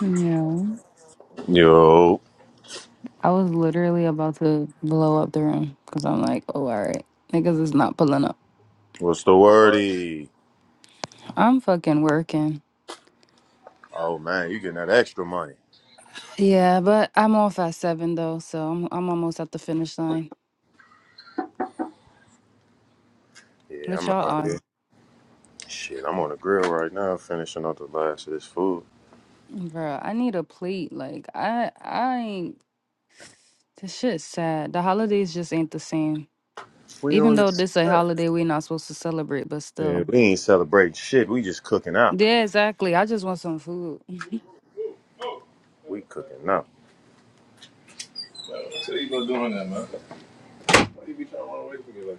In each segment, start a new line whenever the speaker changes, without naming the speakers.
No.
Yo,
I was literally about to blow up the room because I'm like, oh, all right. Niggas is not pulling up.
what's the wordy?
I'm fucking working.
Oh man, you getting that extra money?
Yeah, but I'm off at seven though, so I'm I'm almost at the finish line.
Yeah,
What
I'm
y'all
out
on?
here. Shit, I'm on the grill right now, finishing up the last of this food.
Bro, I need a plate. Like I I ain't this shit's sad. The holidays just ain't the same.
We
Even
on
though
this?
this a holiday we not supposed to celebrate, but
Yeah,
still.
we ain't celebrating shit. We just cooking out.
Yeah, exactly. I just want some food.
We cooking out. So you go doing that, man? Why you be trying to run away from me like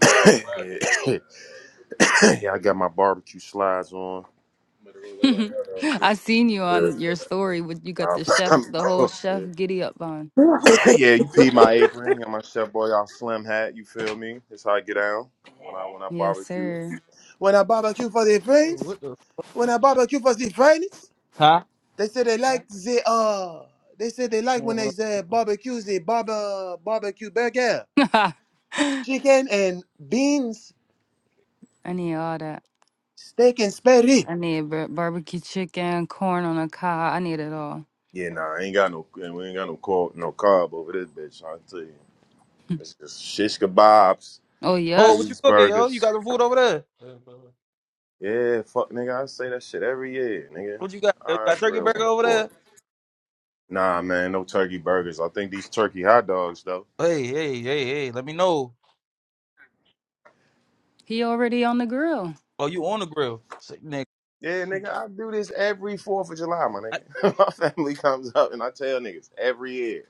that, man? yeah, yeah, I got my barbecue slides on. Better go there right now,
I seen you on your
though.
story with you got the
Yeah.
chef,
I'm,
the whole chef
I'm,
giddy up on.
yeah, you peed my apron. Got my chef boy off slim hat. You feel me? That's how I get down when I when I
Yes,
barbecue.
sir.
When I barbecue for the friends,
What the?
when I barbecue for the friends,
Huh?
they say they like the uh. They say they like when they
Well,
say barbecue the barber barbecue burger,
I
chicken and beans,
need all that.
steak and spare rib.
I need bar- barbecue chicken, corn on a cob. I need it all.
Yeah, nah, I ain't got no, we ain't got no carb, no carb over this bitch. I tell you, it's just shish kebabs,
Oh,
Oh,
yep.
what you cooking, yo? You
cheeseburgers.
got some food over there?
Yeah, fuck nigga, I say that shit every year, nigga.
What you got? yo? You
I
got turkey
grill on
burger
the
over
fourth.
there?
Nah, man, no turkey burgers. I think these turkey hot dogs though.
Hey, hey, hey, hey, let me know.
He already on the grill.
Oh, you on the grill. Sick nigga.
Yeah, nigga, I do this every Fourth of July, my
I,
nigga. my family comes up and I tell niggas every year,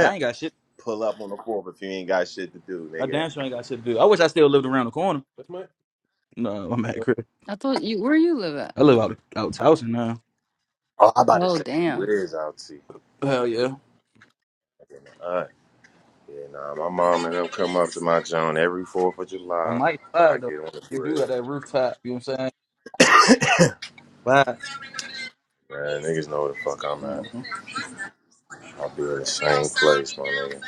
I ain't got shit.
pull up on the fourth if you ain't got shit to do,
I
nigga.
damn sure ain't got shit to do. I wish I still lived around the corner. No, I'm at crib.
I thought you, where you live at?
I live out out Towson now.
Oh, I about to
Oh,
say, who
damn.
is out to?
Hell yeah.
All right. Yeah, nah, my mom and them come up to my joint every Fourth of
I
July.
might
I
slide though.
get on the
You do
grill.
got that rooftop, you know what I'm saying? Vibes.
Man, niggas know where the fuck I'm at. I'll be in the same place, my nigga.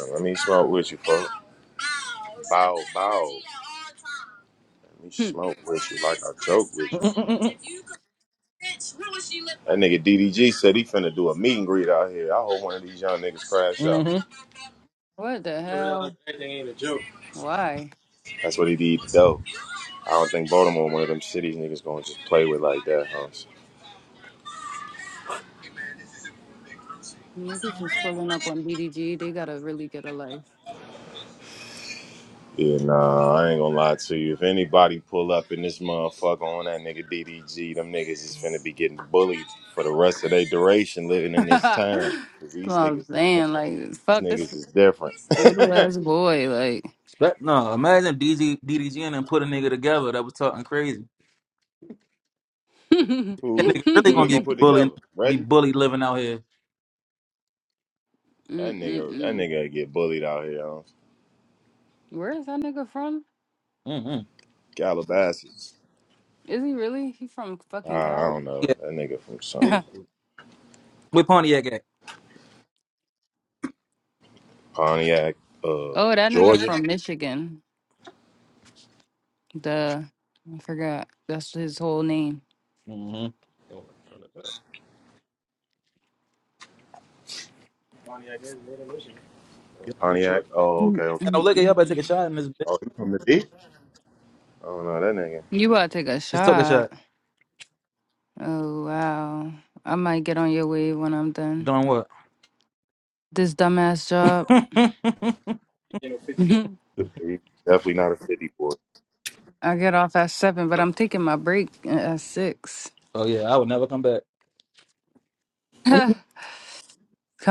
Damn, let me smoke with you, folks. Bow, bow. Let me
Hmm.
smoke with you like I joke with
Mm-hmm.
you. That nigga DDG said he finna do a meet and greet out here. I hope one of these young niggas crash out.
mm-hmm.
What the
You realize
hell?
everything ain't a joke.
Why?
That's what he did, though. I don't think Baltimore, one of them cities niggas gonna just play with like that, huh?
Niggas just pulling up on BDG. They gotta really get a life.
Yeah, nah, I ain't gonna lie to you. If anybody pull up in this motherfucker on that nigga DDG, them niggas is finna be getting bullied for the rest of their duration living in this
That's
town. Cause
what
these
I'm
niggas,
saying. Like,
these
fuck this
niggas is different.
little ass boy. Like,
No, imagine DZ, DDG and then put a nigga together that was talking crazy.
Mm-mm-mm.
That
Who's
nigga really
who they
gonna
gonna
get
put
bullied,
together?
be
Reggie?
bullied living out here.
That nigga, that nigga get bullied out here. Huh?
Where is that nigga from?
Mm-hmm.
Calabasas.
Is he really? He from
Uh,
fucking
I
Cali?
don't know. That nigga from
Yeah,
some
oh,
with Pontiac at.
Pontiac, uh,
that nigga
Georgia.
from Michigan. The I forgot. That's his whole name.
Mm-hmm. You ain't
Pontiac. Oh, okay, okay.
got No, look at y'all.
Mm-mm-mm.
Better take a shot in this bitch.
Oh, he from the D? I don't know that
You about to take a
Just took a shot.
shot. Oh wow. I might get on your wave when I'm done.
Doing what?
This dumbass job.
nigga. He's definitely not a city boy.
I get off at seven, but I'm taking my break at six.
oh yeah, I would never come back. I'd
Come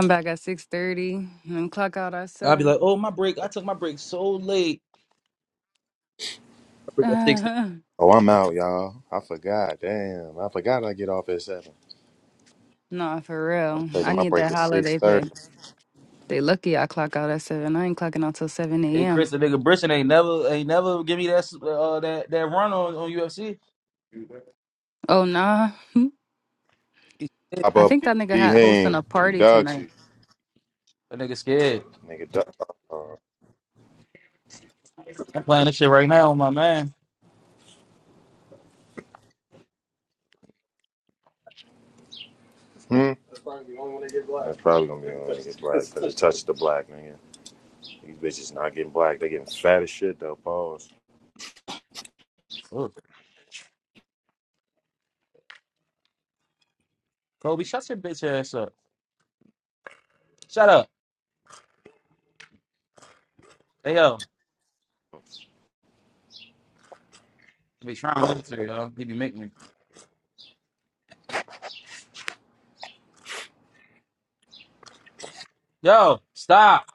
back at six thirty and clock out at
be
seven.
like, oh my break. I took my break so late. I break at six thirty.
Oh, I'm out, y'all. I forgot. Damn, I forgot I get off at seven.
No, for
I'm
real. I
taking my
need
break
that
at six
holiday pay.
thirty.
They lucky I clock out at seven. I ain't clocking out till seven
Hey Chris,
a.m.
the nigga Brisson ain't never ain't never give me that s- uh, that that run on, on UFC.
Oh nah.
He scared.
Pop
I
up,
think that nigga
he
had hosting a
hang. He
party
dogs
tonight.
you,
That nigga scared.
nigga. Dog. Uh,
I'm playing this shit right now, my man.
hmm. That's probably the only one that get black. That's probably gonna be the only one to get black because it touched the black nigga. These bitches not getting black. They getting fat as shit though. Pause.
Look, Kobe, shut your bitch ass up. Shut up. Hey yo. I be trying not to, yo. He be making me. Yo, stop.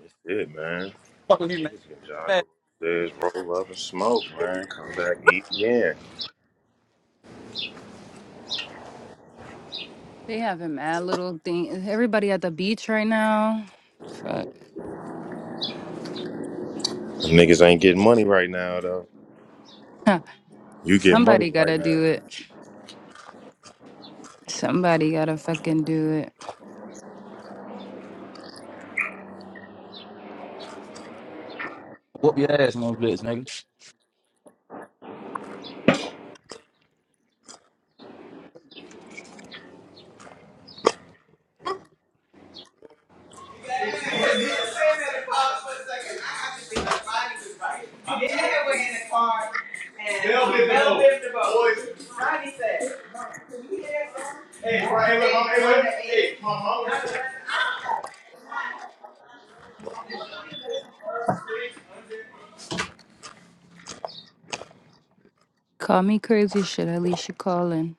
That's it, man.
Fuck with you, man.
Niggas
Nigga,
can
what you
jog
mad?
upstairs, roll up and smoke, man. Come back, eat again.
They having mad little thing. Everybody at the beach right now. Fuck.
Niggas ain't getting money right now though. You get money
Somebody
right
gotta
now.
do it. Somebody gotta fucking do it.
Whoop your ass on those bitch, nigga.
Hey, right, hey, hey, hey,
Call me crazy shit. At least you calling.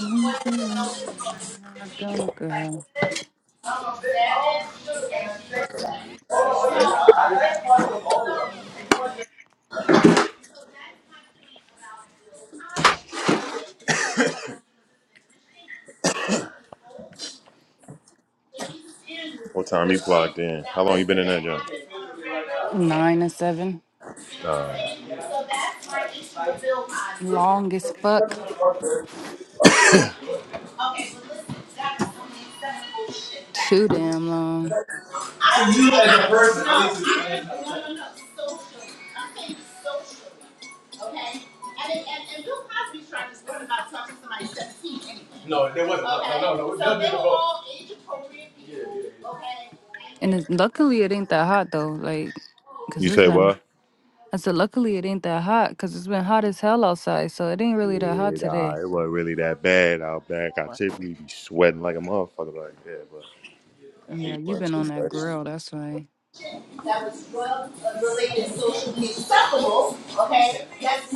What time you clocked in? How long you been in that job?
Nine to seven.
Uh,
Long as fuck. Too damn long.
You as a person. No, there wasn't.
And it's, luckily, it ain't that hot though. Like, cause
you
it's
say
been.
what?
I said, luckily, it ain't that hot, cause it's been hot as hell outside. So it ain't really that hot
Yeah, nah,
today.
it wasn't really that bad out back. I typically be sweating like a motherfucker like that, but I
Yeah,
hate
you
running
been
too
on that
fast.
grill. That's why.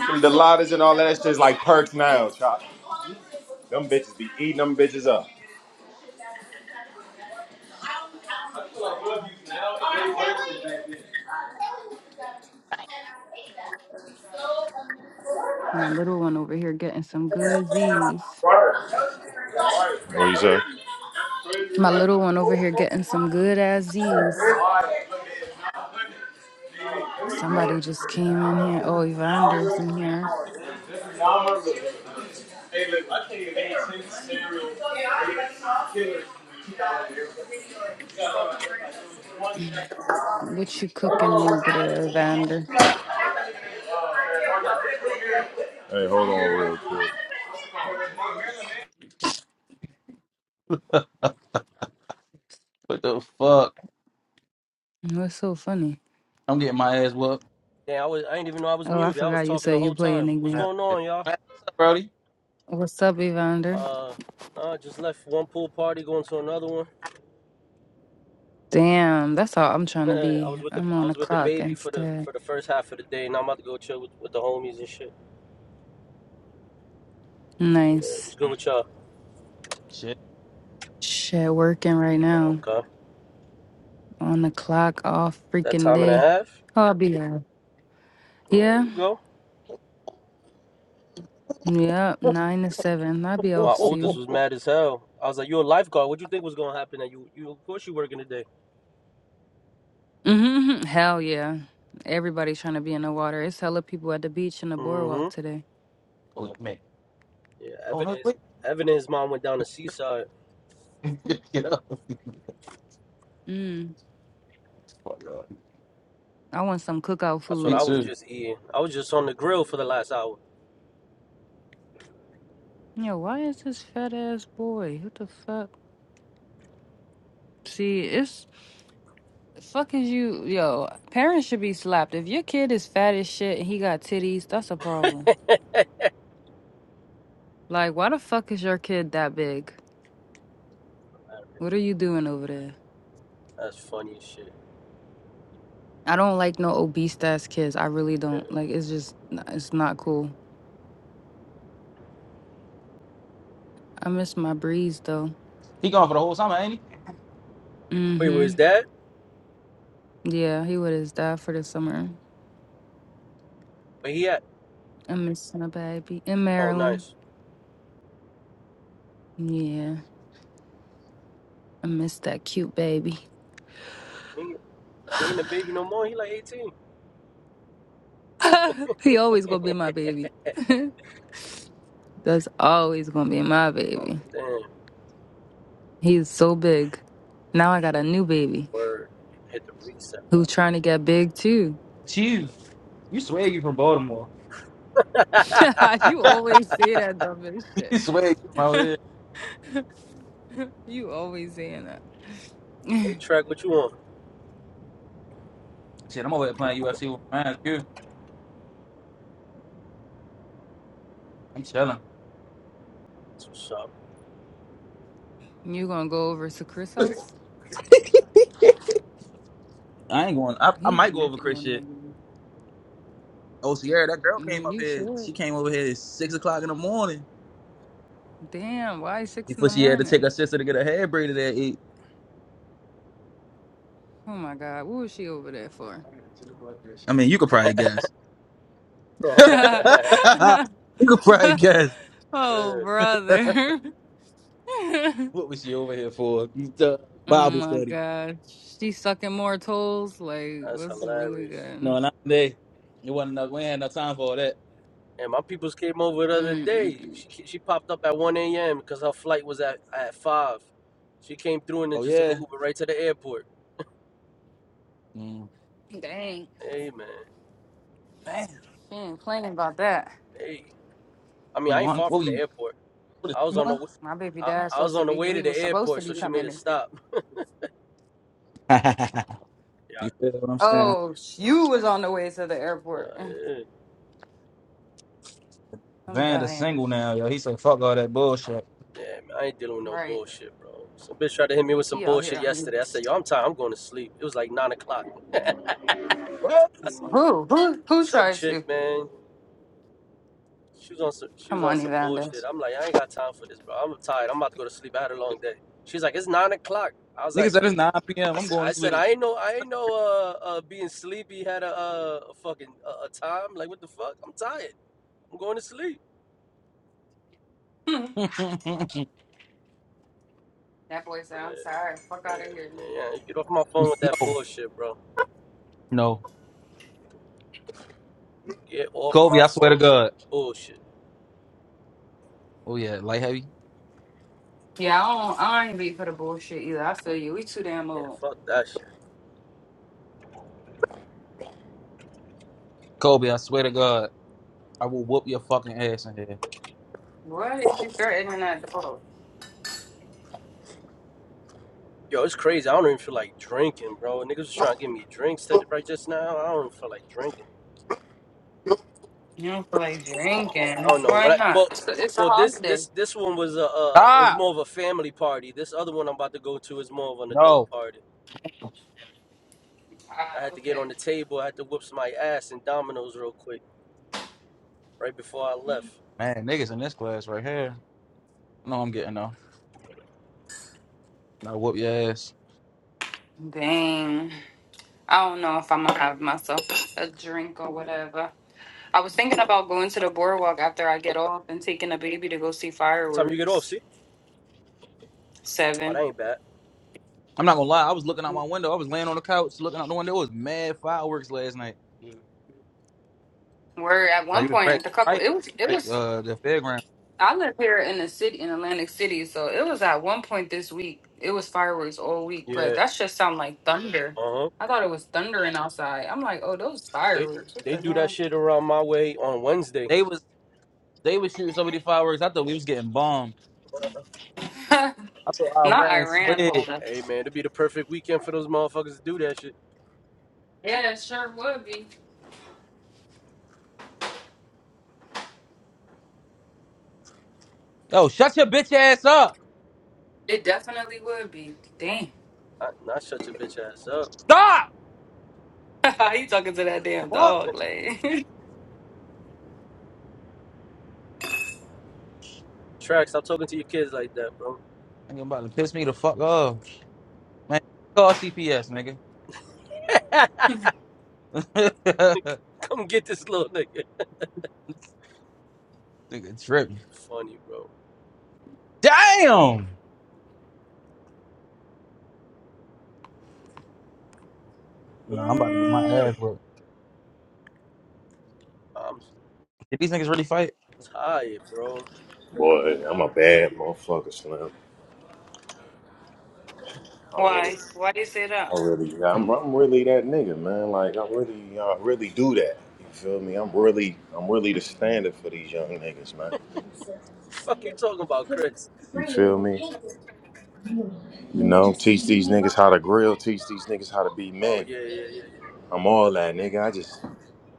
Them Delottas and all that shit's like perks now, chop. Them bitches be eating them bitches up.
My little one over here getting some good Z's.
What you say?
My little one over here getting some good ass Z's. Somebody just came in here. Oh, Evander's in here.
Hey, look, I think it ain't ten serial killers.
What you cooking over there, Evander?
Hey, hold on real quick.
What the fuck?
What's so funny?
I'm getting my ass whooped.
Yeah, I was. I didn't even know I was
Oh, I
muted. I
forgot
was
you
talking the
said you
whole
playing
time. What's
Yeah.
again.
going
Man,
on, y'all?
What's up, Brody?
What's up, Evander?
Uh, nah, I just left one pool party, going to another one.
Damn, that's all I'm trying to
I
be.
was with the
I'm
I
on the
was with the
clock
baby for the
instead.
for the first half of the day, and I'm about to go chill with, with the homies and shit. Yeah, it
Nice.
was good with y'all.
Shit.
Shit, working right
Oh,
now.
Okay,
On the clock all
that
freaking
time and a
day.
half.
Oh, I'll be there.
There
Yeah.
you go.
Yep. Nine to seven. I'll be
My
off
Oh, oh,
oldest
oh,
soon.
was
oh.
mad as hell. I was like, "You a lifeguard? What you think was gonna happen? That you you of course you working today."
hmm Hell yeah. Everybody's trying to be in the water. It's hella people at the beach and the boardwalk
Mm-hmm.
today.
oh man.
Yeah,
Oh,
Evan
no,
and his
wait.
Evan and his mom went down to seaside.
Get up.
Mm.
Fuck, yo.
I want some cookout
That's what
Me
food.
I was
too.
just eating. I was just on the grill for the last hour.
Yo, why is this fat ass boy? What the fuck? See, it's The fuck is you, yo? Parents should be slapped. If your kid is fat as shit and he got titties, that's a problem. Like, why the fuck is your kid that big? What are you doing over there?
That's funny as shit.
I don't like no obese ass kids. I really
Yeah.
don't. Like, it's just, n- it's not cool. I miss my breeze though.
He gone for the whole summer, ain't
Mm
Wait,
hmm.
where's that?
Yeah, he would have died for the summer.
Where he at?
I miss my baby in
Oh,
Maryland.
nice.
Yeah, I miss that cute baby.
He, he ain't a baby no more. He like 18.
he always gonna be my baby. That's always gonna be my baby.
oh,
he?
damn.
He is so big. Now I got a new baby
Word. Hit the reset
who's
button.
trying to get big too.
You. You swear you from Baltimore.
you always say that dumbest shit.
you swear you from out here.
you always saying that.
hey, Trek, what you want?
Shit, I'm over there playing UFC with my man, too. I'm chilling.
That's what's up.
you gonna go over to Chris' house?
I ain't going. I, I
He
might go over
geeking
Chris
on
shit.
that. game.
Oh, Sierra, that girl came
Mm,
up
You
here.
should.
She came over here at six o'clock in the morning
Damn, why six in
before
the
she had to take
morning?
her sister to get her hair braided at eight.
Oh my god, what was she over there for?
I mean, you could probably guess. you could probably guess.
oh
Good.
what
brother. oh
was she over here for? The Bible
my
study.
god. She's sucking more toes. Like,
That's
what's really
hilarious.
good?
No, not today. It wasn't enough. We ain't had no time for all that.
And my peoples came over the other day.
Mm-mm.
She, she popped up at 1 a.m. because her flight was at, at 5. She came through and then
Oh
just took a
yeah.
Uber right to the airport.
Mm.
Dang,
Hey, man.
Man,
she ain't playing about that.
Hey. I mean,
we
I ain't
won.
far
What
from the
we
airport.
what is
I was
we
on the
won?
w-
My baby
I,
dad's
I was
supposed to
on the
be,
way
he
to the
was supposed to
airport,
be
so she made
coming.
a
this week.
stop. Yeah,
you feel what I'm saying?
Oh, you was on the way to the
nah,
airport.
eh,
I'm
Vanda's
dying.
single now, yo. He said, "Fuck all that bullshit."
yeah, I ain't dealing with no
Right.
bullshit, bro. Some bitch tried to hit me with some
He out
bullshit
here. on-
yesterday. I said, yo, I'm tired. I'm going to sleep. It was like nine o'clock.
What?
I said,
Who? Who Who
some
tried to?
chick, man. She was on some, she was
Come
on
on,
some
Evander.
bullshit. I'm like, I ain't got time for this, bro. I'm tired. I'm about to go to sleep. I had a long day. She's like, it's nine o'clock. I was
Nigga
like,
said it's 9 p.m.
I
I'm
said,
going
I
to
said, I ain't
sleep.
know, I ain't know, uh, uh being sleepy had a, uh, a fucking a, a time. Like, what the fuck? I'm tired. I'm going to sleep.
That boy said,
Yeah,
I'm sorry. Fuck
yeah,
out of here.
yeah. yeah. Get off my phone with that
no,
bullshit, bro.
no.
Get off
Kobe,
my
I swear to
phone with
God.
the bullshit.
Oh yeah, light heavy.
Yeah, I don't, I ain't be for the bullshit either. I feel you. We too damn
Yeah,
old.
fuck that shit.
Kobe, I swear to God, I will whoop your fucking ass in here.
What is you threatening at the boat?
Yo, it's crazy. I don't even feel like drinking, bro. Niggas was trying to give me drinks to- right just now. I don't even feel like drinking.
You don't feel like
Man, I
drinking.
don't know.
Why
but I,
not?
well,
It's a, it's a
well, this
holiday.
this this one was a uh, it was
Ah,
more of a family party. This other one I'm about to go to is more of an adult
no,
party. I
Ah,
had to get
okay.
on the table. I had to whoop my ass in dominoes real quick right before I left.
man, niggas in this class right here. No, I'm getting though. And I whoop your ass.
Dang. I don't know if I'm gonna have myself a drink or whatever. I was thinking about going to the boardwalk after I get off and taking the baby to go see
Time you get off,
fireworks.
see? Oh, that
Seven.
ain't bad.
I'm not gonna lie. I was looking out my window. I was laying on the couch looking out the window. It was mad fireworks last night. Like
Where at one
it was
point
right,
at the couple
right,
it was it was
uh, the fairground.
I live here in the city in Atlantic City, so it was at one point this week. It was fireworks all week, but
Yeah.
that just sound like thunder.
Uh huh.
I thought it was thundering outside. I'm like, oh, those
They
fireworks. What
they do that
the
shit around my way on Wednesday.
They was they was shooting so many fireworks. I thought we was getting bombed.
hell?
I thought
Not
Iran
Iran,
slid.
Paula.
Hey man, it'd be the perfect weekend for those motherfuckers to do that shit.
Yeah, it sure would be.
Yo, shut your bitch ass up.
It definitely would be. Damn.
I, not shut your bitch ass up.
Stop.
you talking to that damn
Fuck.
dog, like.
Track, stop talking to your kids like that, bro.
Nigga about to piss me the fuck off. Man, call CPS, nigga.
Come get this little nigga.
nigga tripping.
Funny, bro.
Damn! Nah, I'm about to get my ass whooped.
I'm
Did these niggas really fight?
tired, bro.
Boy, I'm a bad motherfucker, Slim. I really,
Why? Why you say that?
I really, I'm, I'm really that nigga, man. Like I really, I really do that. You feel me? I'm really, I'm really the standard for these young niggas, man.
Fuck you talking about, Chris?
You feel me? You know, teach these niggas how to grill, teach these niggas how to be
Oh
men.
yeah, yeah, yeah,
I'm all that, nigga. I just,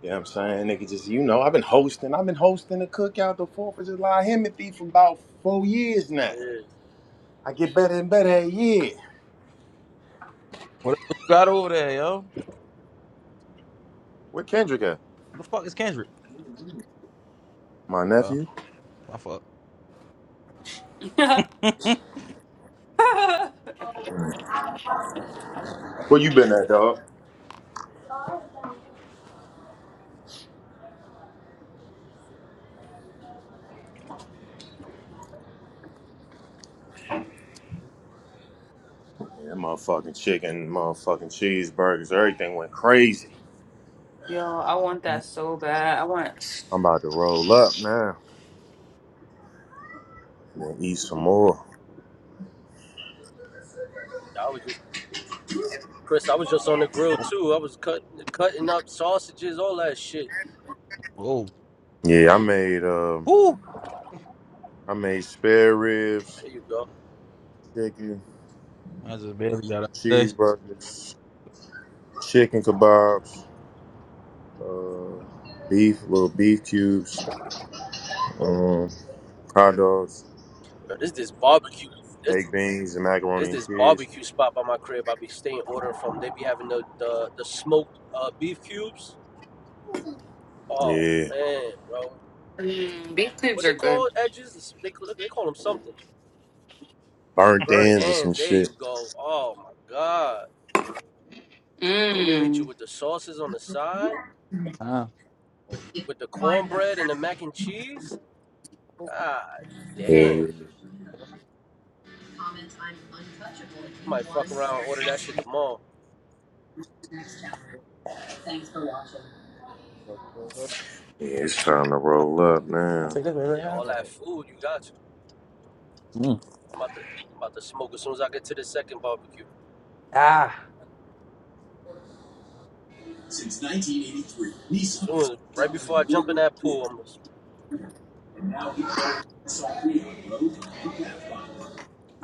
you know what I'm saying, nigga. Just you know, I've been hosting, I've been hosting a cookout, the Fourth of July Himothy for about four years now.
yeah. Yeah,
I get better and better every year.
What, what you got over there, yo?
Where Kendrick at?
Who the fuck is Kendrick?
My
Oh,
nephew.
my fuck.
Where you been at, dog? Yeah, that motherfucking chicken, motherfucking cheeseburgers, everything went crazy.
Yo,
I'm
I
about, to,
want
Mm,
that so bad. I want.
I'm about to roll up now. I'm gonna eat some more.
I was just Chris. I was just on the grill
oh,
too. I was cutting, cutting up sausages, all that shit.
whoa.
Yeah, I made um,
Woo!
I made spare ribs,
There you go.
chicken,
I just barely got out of this shit.
cheeseburgers, chicken kebabs, uh, beef, little beef cubes,
Oh,
um, hot dogs,
bro, this is barbecue. This
baked beans, and
There's
macaroni and
this
cheese.
barbecue spot by my crib. I be staying ordering from. They be having the the, the smoked uh, beef cubes. Oh
Yeah,
man, bro,
Mm, beef cubes
what's
are
it
good.
called? Edges? They call- they call them something.
burnt
Burnt
ends or some
ends. There
shit.
you go. Oh my god. And they hit you
Mmm.
with the sauces on the side,
Huh?
with with the cornbread and the mac and cheese. Ah,
Yeah,
damn. I might fuck around and order that shit tomorrow.
I'll
yeah, it's time to roll up now.
take this right
Yeah, all that
now.
food you got. You.
Mm.
I'm about to I'm about to smoke as soon as I get to the second barbecue.
Ah!
Soon, right before I jump in that pool, I'm gonna
Now we go inside we road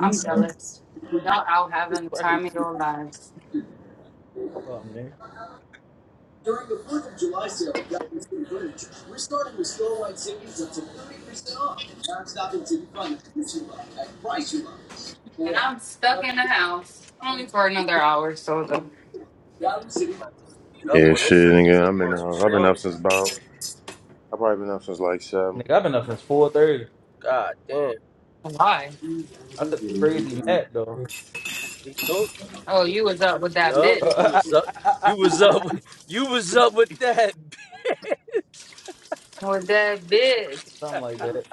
and
Yo,
jealous. Y'all out having the
crack the
time of your lives,
fuck up, nigga.
during the 4th of July sale at Gallery City Furniture, we're starting with store-wide savings up to 30% off and non-stop in city fun at you love, at price you love, even
and
more.
I'm stuck in
Nothing
the house only for another hour. or So though.
City.
I'm about to speed up
Yeah,
on
shit,
this nigga. This
nigga. I've
nigga
been
going too
uh, I've been
slow.
up since about I've probably been up since like seven.
Nigga, I've been up since 4.30.
God damn.
Why?
I took a crazy nap, though.
He, he told.
Oh, you was up with
you.
that bitch.
Yup. he was up. You was up. With, you was up with that bitch.
With that bitch.
Something like that.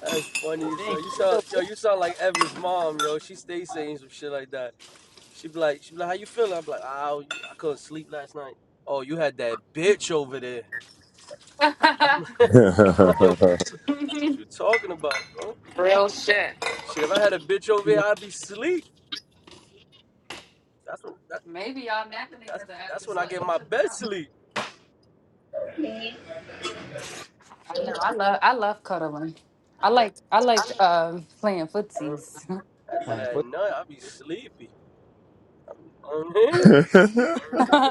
That's funny as
Dang,
hell. You
get
sound
up
yo.
six
You sound like Evan's mom, yo. She stays saying some shit like that. She be like, she be like, how you feeling? I'm like, oh, I couldn't sleep last night. Oh, you had that bitch over there. I'm like, I'm like yo, what you, t- what you talking about, bro?
Real shit.
Shit, if I had a bitch over here, I'd be sleep. That's what, that,
Maybe y'all napping
that's
because I after
that's when I
slutting
get
each
my
other
best
out.
sleep.
I know. I love. I love cuddling. I like. I like uh, playing
Uh,
footsies.
After
playing
that
foot.
nut, I be sleepy. You know what I mean?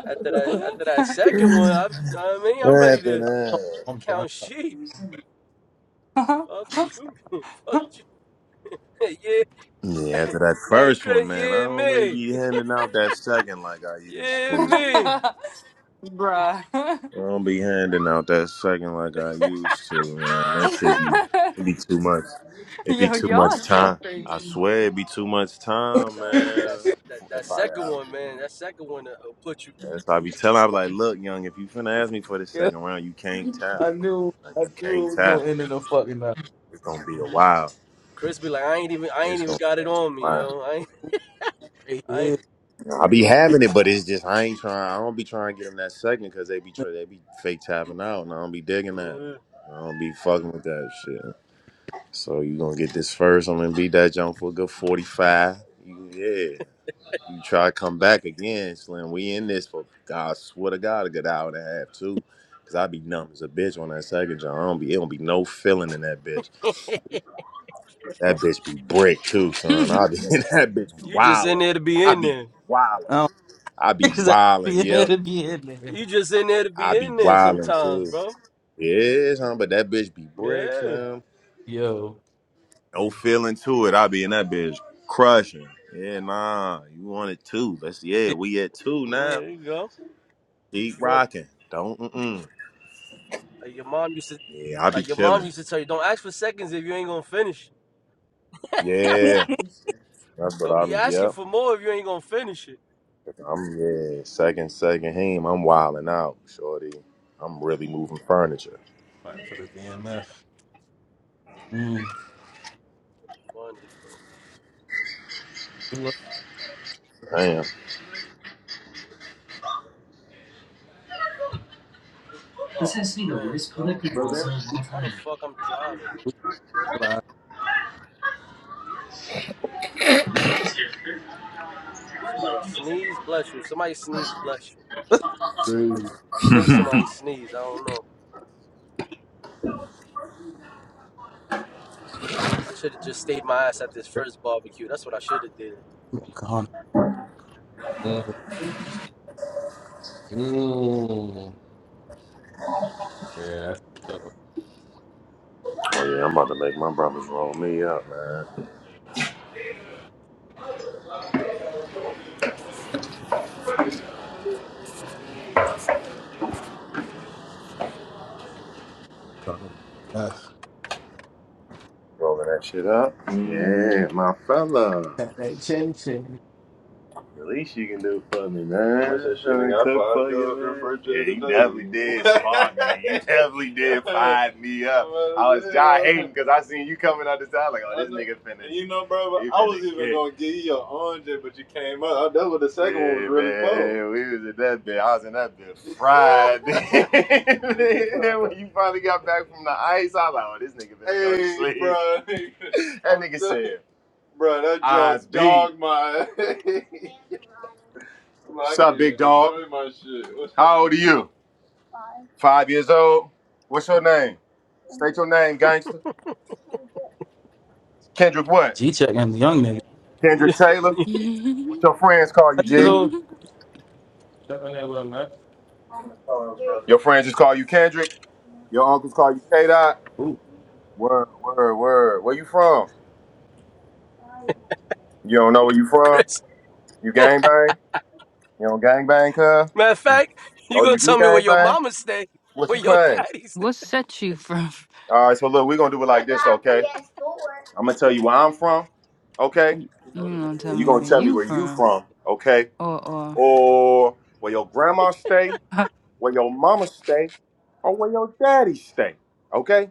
After that, after that second one, I be, you know what I mean? I'm ready
after
to
that.
I'm done.
count sheep. Fuck you, man. fuck you. man. Yeah,
yeah. after that
hey
first one,
Chris,
man, I
yeah
don't really
me,
be handing out that second like I used
yeah
to.
me.
Bruh.
I don't be handing out that second like I used to, man. That shit be, it be too much. It be
Yo,
too
y'all are
much
so
time. I
crazy.
swear it be too much time,
Nah, it be
man.
that that, that
If I,
second
I
one, man. That second one that will put you.
if I be telling, I be like, look, young, if you finna ask me for the
Yeah.
second round, you can't tap.
I knew,
Like
I
you
knew
can't
it was
tap.
gonna end in a fucking uh,
It's gonna be a while.
Chris be like, I ain't even, I ain't
It's
even
gonna
got
be a
it on me,
while.
yo. I ain't,
right
I ain't.
here.
I be having it, but it's just I ain't trying. I don't be trying to get them that second because they be try, they be fake tapping out, and I don't be digging that.
Uh,
I don't be fucking with that shit. So you gonna get this first. I'm gonna beat that jump for a good 45. You- Yeah. You try to come back again, Slim. We in this for God swear to God, a good hour and a half too. Cause I be numb as a bitch on that second jump. I don't be it don't be no feeling in that bitch. That bitch be brick too, son. I be in that bitch
you just in
wildin'.
there to be
I
in
be
there.
I
wildin'.
don't
I be
because I be
wildin',
in there
yep.
to be in there.
You just in there to
I
be
be
in there
wildin'
sometimes,
too.
bro.
Yeah, son, but that bitch be brick,
Yeah.
Slim.
Yo,
No feeling to it. I be in that bitch crushing. Yeah, nah. You want it two. Let's yeah,
it-
we at two
Yeah,
now.
There you go.
Keep
You want
rocking. Don't mm-mm.
uh, your mom used to
Yeah, I be
Like your mom
chilling.
used to tell you, don't ask for seconds if you ain't gonna finish. it.
Yeah. That's what
Don't be
I'm
asking
yep.
for more if you ain't gonna finish it.
I'm yeah, second, second him. I'm wilding out, shorty. I'm really moving furniture.
mm.
Funny, bro.
Damn. This
Oh
has to be the
man,
worst
bro.
political
Bro,
ball zone of all
Why the
time.
fuck I'm driving right now, man? Somebody sneeze, bless you. Somebody sneeze, bless you.
that's crazy.
I think somebody sneezed. I don't know. I should have just stayed my ass at this first barbecue. That's what I should have did.
God. Mm, mm. Yeah, that's good.
Oh yeah, I'm about to make my brothers roll me up, man. Rolling that shit up. Yeah, my fella.
Hey, chin chin.
The least you can do for me, man. that shit I mean, got cook for you, man. Yeah, refrigerator you definitely did spark me. You definitely did today. me up. I was y'all hating because I seen you coming out the side like, oh, this know. nigga finished. you know, bro, he I was even gonna give you your orange, but you came up. That was the second yeah, one was Yeah, really for. man, cool. Yeah, we was in that bit. I was in that bit fried. And then when you finally got back from the ice, I was like, oh, this nigga finna go to hey, sleep. bro, That nigga said, bro, that just junk dogged my. What's up, big dog? How old are you? Five years old. What's your name? State your name, gangster. Kendrick what?
G check and the young nigga.
Yeah,
Kendrick Taylor. What your friends call you,
Five years
G?
old. Stuck on that with a knife.
Your friends just call you Kendrick. Your uncles call you K Dot.
Ooh.
Word, word, word. Where you from? You don't know where you from?
Chris.
You gang bang? You don't gang bang, cuz?
Matter of
Mm.
fact, you
Oh,
gonna
you do
tell me where
gang
your
bang?
mama stay,
What
where
you
your
claim?
daddy stay?
what set you from?
All right, so look, we're gonna do it like this, okay? I'm gonna tell you where I'm from, okay?
You don't tell
And you
me
gonna
where
tell me
you
where you
from,
from, okay?
or
or where your grandma stay, where your mama stay, or where your daddy stay. Okay?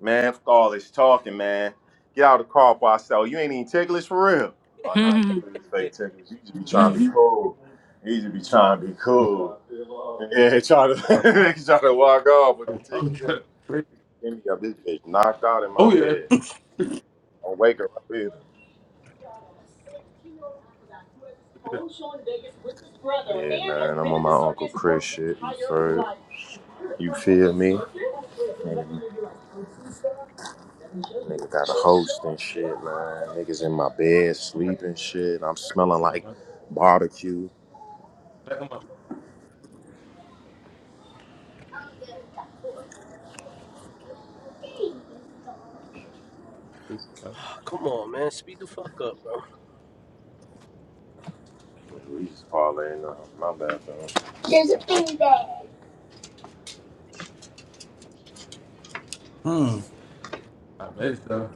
Man, fuck all this talking, man. Get out of the car before I sell. You ain't even ticklish for real. Oh nah,
or.
you ain't fake ticklish. You just be trying to be cool. You just be trying to be cool. Yeah, try to try to walk off with the tickle
Oh,
tickle. Give me up this bitch knocked out in my
oh yeah.
bed. I'm waking up. Yeah, man, I'm on my Uncle Chris shit. You feel, you feel me? Nigga, nigga got a host and shit, man. Niggas in my bed sleeping shit. I'm smelling like barbecue.
Back on my. Ooh.
Come on, man. Speed the fuck up, bro.
We just parlaying on my bad, though.
Hmm. I messed up.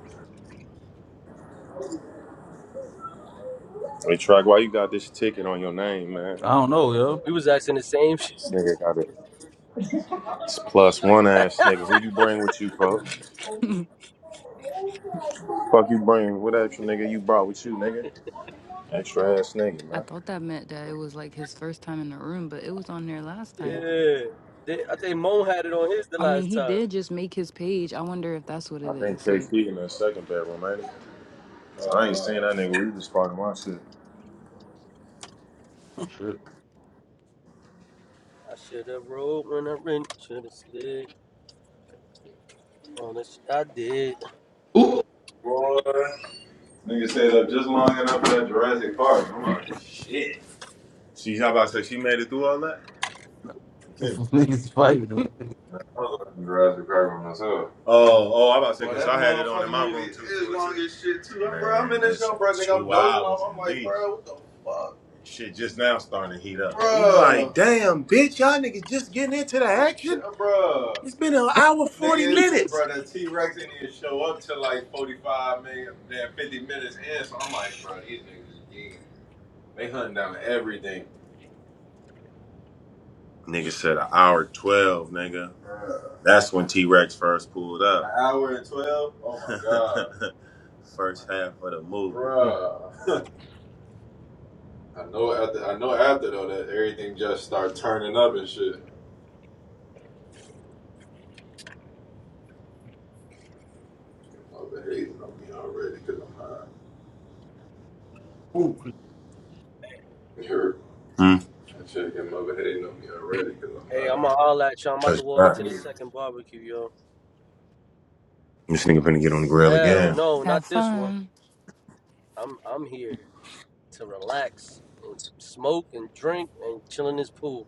Hey, Track, why you got this ticket on your name, man?
I don't know,
We was asking the same shit.
This nigga got it. It's plus one ass nigga. Who you bring with you, folks? Fuck you bring? What extra nigga you brought with you, nigga? Extra ass nigga,
I
man.
thought that meant that it was like his first time in the room, but it was on there last time.
Yeah. They, I think Mo had it on his the
I mean,
last
he
time.
did just make his page. I wonder if that's what
I
it
think
is. Like,
KP in the second bedroom, ain't he? So I ain't seen that nigga. We just sparking my shit.
yo.
I should have rolled when I ran, should have slid on the sh- I did.
Ooh,
Boy, nigga stayed up just long enough for that Jurassic Park. I'm like, she, how about to say she made it through all that? You
these Niggas fighting.
I was watching Jurassic Park by myself. Oh, oh, I am about to say, because I had it on in my room too. It's long as shit too. I'm, bro, I'm in this show, bro. Nigga, I'm dozing off. I'm like, bro, now starting to heat up. Bruh. like, damn, bitch, y'all niggas just getting into the action. Yeah, Bruh. It's been an hour forty Nigga, minutes. bro, the T Rex didn't even show up till like 45 minutes, damn 50 minutes in. So I'm like, bro, these niggas is geeking. They hunting down everything. Uh, An hour and 12? Oh my God. Ooh. Bro. I know after, I know after though that everything just start turning up and shit. Your Mother hating on me already because I'm high.
ooh.
You heard? Mm. That shit, your mother hating on me already because I'm
Hey,
high.
I'ma holler at y'all. I'm about to
Touch
walk
that.
into the second barbecue, yo.
This nigga finna get on the grill
Hell
again.
no,
have
not this one.
fun.
I'm I'm here to relax and smoke and drink and chill in this pool.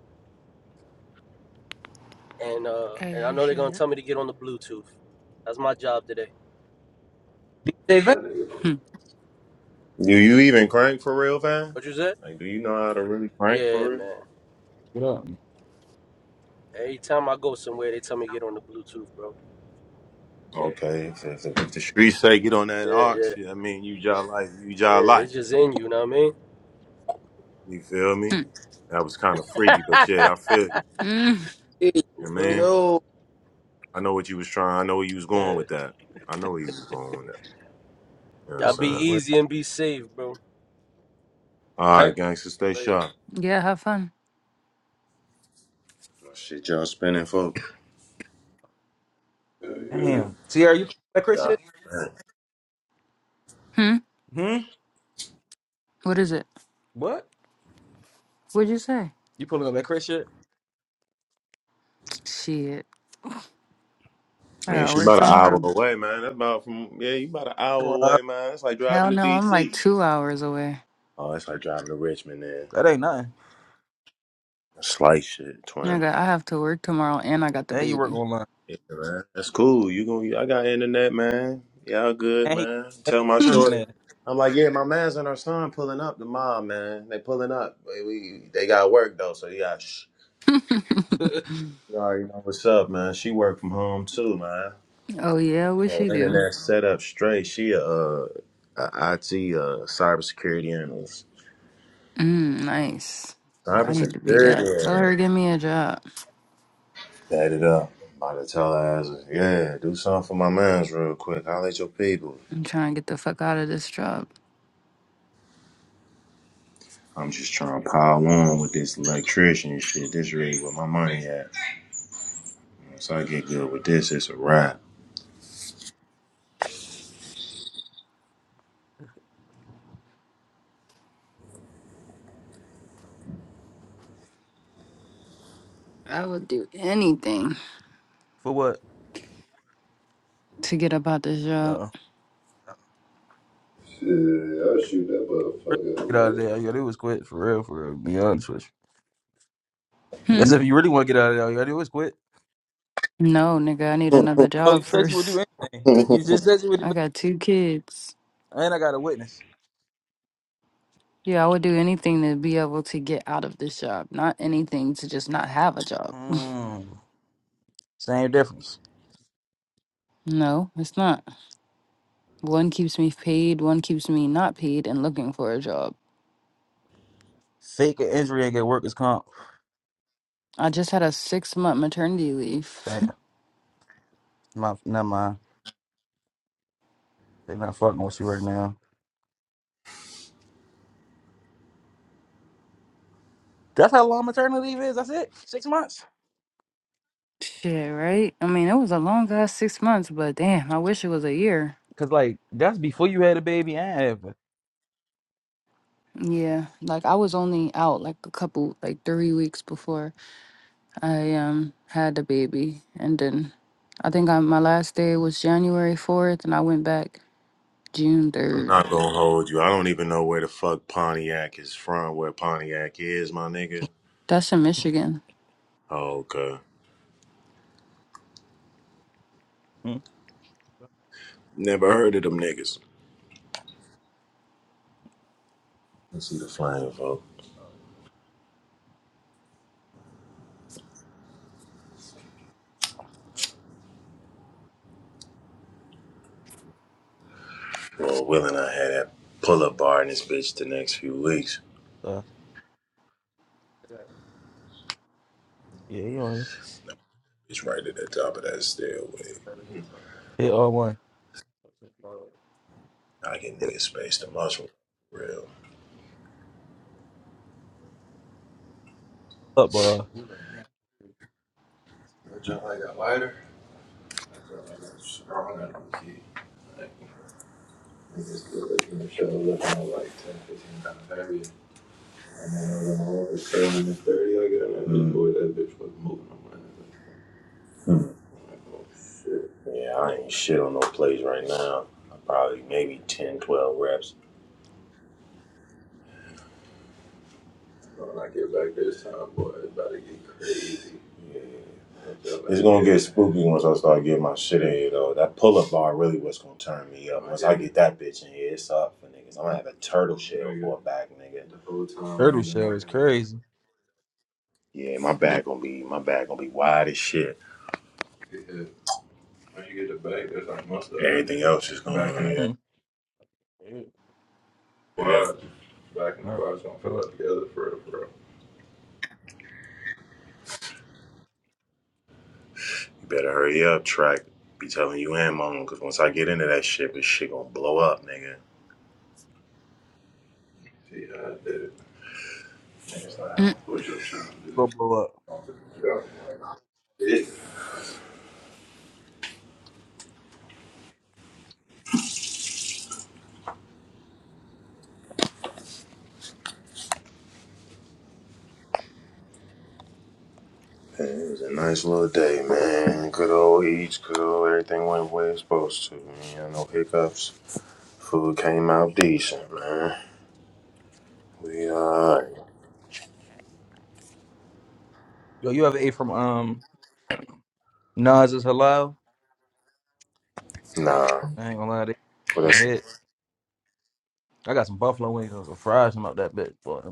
And uh
As
and I
you
know they're gonna
should.
tell me to get on the Bluetooth. That's my job today.
They va-
Do you even crank for real, fam?
What you said?
Like, do you know how to really crank
Yeah,
for real?
man.
Get up.
Every time I go somewhere, they tell me to get on the Bluetooth, bro. Yeah,
Okay, if, if, if the streets say get on that
yeah,
ox,
yeah,
yeah, I mean, you just like, you just
yeah.
like.
It's just in you, know what I mean?
You feel me?
Hmm,
That was kind of freaky, but yeah, I feel you.
hmm, hmm.
hey,
you
Yeah,
feel
man,
me?
Yo,
I know what you was trying. I know where you was going
Yeah.
with that. I know where you was going with that. You know what I'm
Y'all be
fucked up,
saying?
right?
easy and be safe, bro.
All
Hey,
right, gangster, stay
Like
sharp.
yeah, have fun.
Shit, y'all spinning, folk. Yeah.
Damn. Sierra, you pulling up that Chris
yeah.
shit?
Yeah.
Hmm?
Hmm?
What is it?
What?
What'd you say?
You pulling up that Chris shit?
Shit. I
Man,
gotta
she
work
about an hour
tomorrow.
away, man. That's about from yeah, you about an hour
Come on,
away, man. It's like driving
Hell
to
no, I'm like
DC.
two hours away.
Oh, it's like driving to Richmond, man.
That ain't nothing.
Slice shit, twin.
Nigga, I have to work tomorrow and I got the
And you work
baby.
online.
Yeah, man. That's cool. You going I got internet, man. Y'all good,
And he
man.
and
Tell my shorty.
permanent.
I'm like, yeah, my man's and her son pulling up. The mom, man, they pulling up. We, we- they got work though, so you got. Sh- you already know what's up, man. She work from home too, man.
oh, yeah, what
Her
she do?
internet set up straight. She a, uh, a IT uh, cybersecurity analyst.
Mm, nice. I need to be that. Tell her
Cybersecurity.
to give me a job.
Light it up. I'm about to tell her, ass, yeah, do something for my mans real quick. Holla at your people.
I'm trying to get the fuck out of this job.
I'm just trying to pile on with this electrician shit. This really where my money at. Once I get good with this, it's a wrap.
I would do anything
for what?
to get up out this job.
Yo,
Shit, I'll shoot that
really
motherfucker up,
get out of
right?
there. All you gotta do is quit. For real, for real. Be honest with you. That's
Hmm?
if you really want to get out of there. All you gotta do is quit.
No, nigga, I need another
Oh, you
job
said you would
first.
do anything. You just said you would do
I
it.
got two kids.
And I got a witness.
Yeah, I would do anything to be able to get out of this job, not anything to just not have a job.
Mm, same difference.
No, it's not. One keeps me paid, one keeps me not paid and looking for a job.
Fake an injury and get workers comp.
I just had a six month maternity leave.
Damn. My, never mind. They're not fucking with you right now. That's how long maternity leave is. That's it. Six months.
Shit, right? I mean, it was a long ass six months, but damn, I wish it was a year.
Cause like that's before you had a baby and after.
Yeah, like I was only out like a couple, like three weeks before. I um had the baby, and then I think I, my last day was January fourth, and I went back June
I'm
third.
not gonna hold you. I don't even know where the fuck Pontiac is from, where Pontiac is, my nigga.
That's in Michigan.
Oh, okay.
Hmm.
Never heard of them niggas. Let's see the flying vote. Well, Will and I had that pull up bar in this bitch the next few weeks.
So, yeah, you on hit all one. Hit all up, uh,
I jump like that lighter. I jump like that strong not key. Like, niggas good looking in the show, looking at like 10, 15 pounds heavier. And then I went over 30 I got that bitch, boy, that bitch was moving. I'm like, Mm. like, oh shit. Yeah, I ain't shit on no plays right now. I probably maybe 10, 12 reps. When I get back this time, boy, it's about to get crazy. Yeah, I feel like It's like gonna get spooky once I start getting my shit in here though. That pull up bar really what's gonna turn me up. Once I get that bitch in here, it's up for niggas. I'm gonna have a turtle shell nigga. for a back, nigga. The whole time I
turtle
ain't been
shell is
working, I just
crazy.
Yeah, my back gonna be my back gonna be wide as shit. get When you get the back, that's like most of it. Everything else is gonna Back in the yeah.
Hmm. Alright.
yeah. quads, back in the quads, gonna feel
Uh,
like together for real, bro. You better hurry up, track. Once I get into that shit, this shit gonna blow up, nigga. See how I did it. Next time,
Mm,
push up trying to
Go blow up.
Yeah. Nice little day, man. Good old eats, good old everything went the way it's supposed to, man. No hiccups. Food came out decent, man. We alright.
Yo, you ever ate from um Nas's Halal?
Nah.
I ain't gonna lie to
What
you. I
else?
hit. I got some buffalo wings and some fries about that bitch, boy.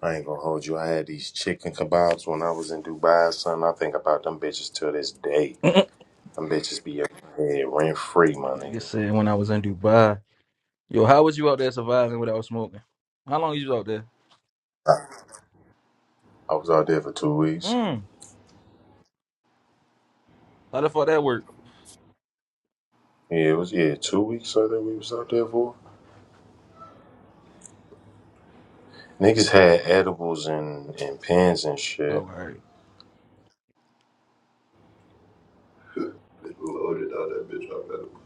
I ain't gonna hold you. I had these chicken kebabs when I was in Dubai, son. I think about them bitches till this day. Them bitches be in my head rent free, my
They
nigga.
just said when I was in Dubai. Yo, how was you out there surviving without smoking? How long you was out there?
I was out there for two weeks.
Mm. How the fuck that work?
Yeah, it was yeah, two weeks I think we was out there for. Niggas had edibles and, and pens and
Oh, all
shit.
right.
Bitch loaded out that bitch up at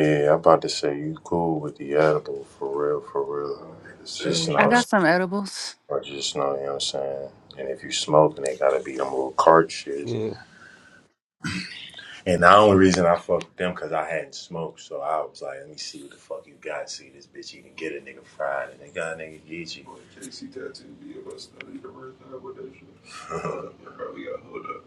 Yeah, I'm about to say you cool with the edible for real, for real. Just sandwich.
I
know
got some edibles.
or just know, you know what I'm saying? And if you smoking, they gotta be them little cart shits.
Yeah.
And the only reason I fucked with them because I hadn't smoked, so I was like, let me see what the fuck you got. See this bitch even get a nigga fried, and they got a nigga Geechee. Boy, JC tattooed me of us not even worth that nigga right there with that shit. Uh, bro, got hold up.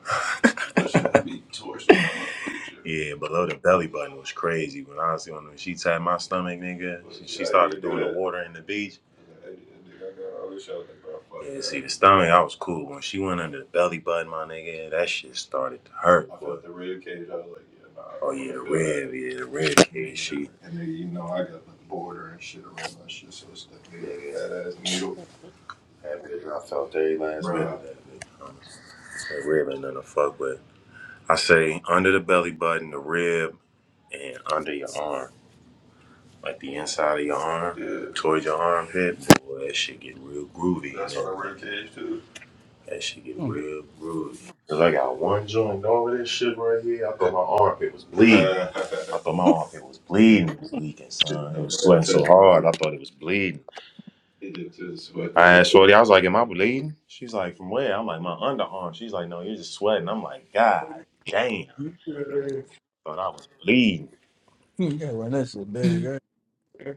That shit would be torched in my motherfucking shit. Yeah, below the belly button was crazy. When I was doing it, she tapped my stomach, nigga. But She, yeah, she yeah, I did started did do doing the that. water in the beach. I did that. I got all this shit. I was like, bro, fuck Yeah, that. see that. the stomach, I was cool. When she went under the belly button, my nigga, that shit started to hurt, I boy. felt the rib cage. I was like, yeah, nah, I Oh don't yeah, want the to feel that. rib, yeah, the rib cage, Yeah. she And then you know I got the border and shit around my shit, so it's like nigga, nigga. that ass needle, That bitch, I felt every last bit of bro. that bitch. Honestly. That rib ain't nothing to fuck with. I say under the belly button, the rib, and under your arm, like the inside of your arm, yeah. towards your armpit. Boy, that shit get real groovy. That's what I rib cage too. That shit get
Mm.
real groovy. Cause I got one joint over this shit right here. I thought my armpit was bleeding. I thought my armpit was bleeding. It was leaking, son. It was sweating so hard. I thought it was bleeding. It just sweat. I asked Shorty. I was like, "Am I bleeding?" She's like, "From where?" I'm like, "My underarm." She's like, "No, you're just sweating." I'm like, "God damn!"
You
Thought I was bleeding.
gotta run that shit back. right?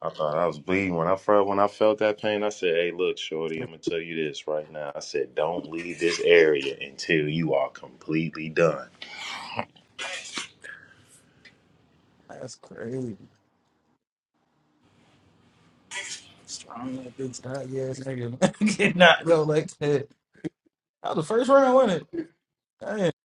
I thought I was bleeding when I felt when I felt that pain. I said, "Hey, look, shorty, I'm gonna tell you this right now." I said, "Don't leave this area until you are completely done."
That's crazy. Strong like this, hot ass nigga. Get go like that. That was the first round, wasn't it? I didn't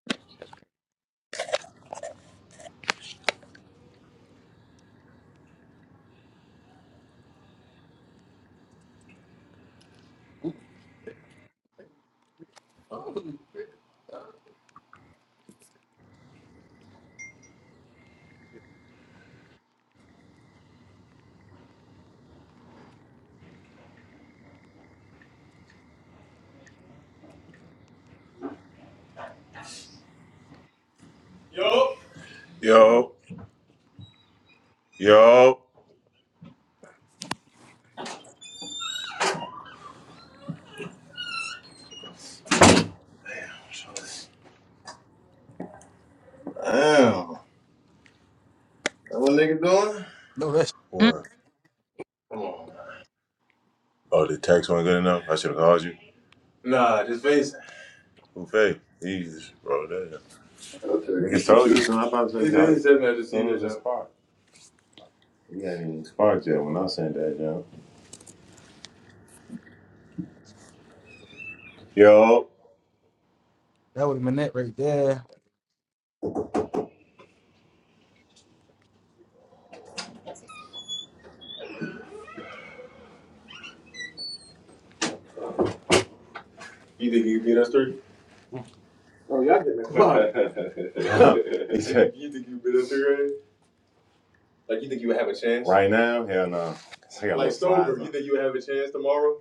Yo, yo. Damn, that what nigga doing?
know that shit.
Mm.
What? Come on, man. Oh, the text wasn't good enough. I should have called you. Nah, just face it. Who fake? Jesus, bro. Damn. Okay. He told you. So i about to say, He did not say that to see it John. sparked, you ain't even sparked yet when I sent that, John. Yo.
That would have been that right there.
You think you can beat us three? Oh y'all getting clocked. He you think you've been underrated? Like you think you would have a chance? right now, hell no. 'Cause Like little sober, you think you would have a chance tomorrow?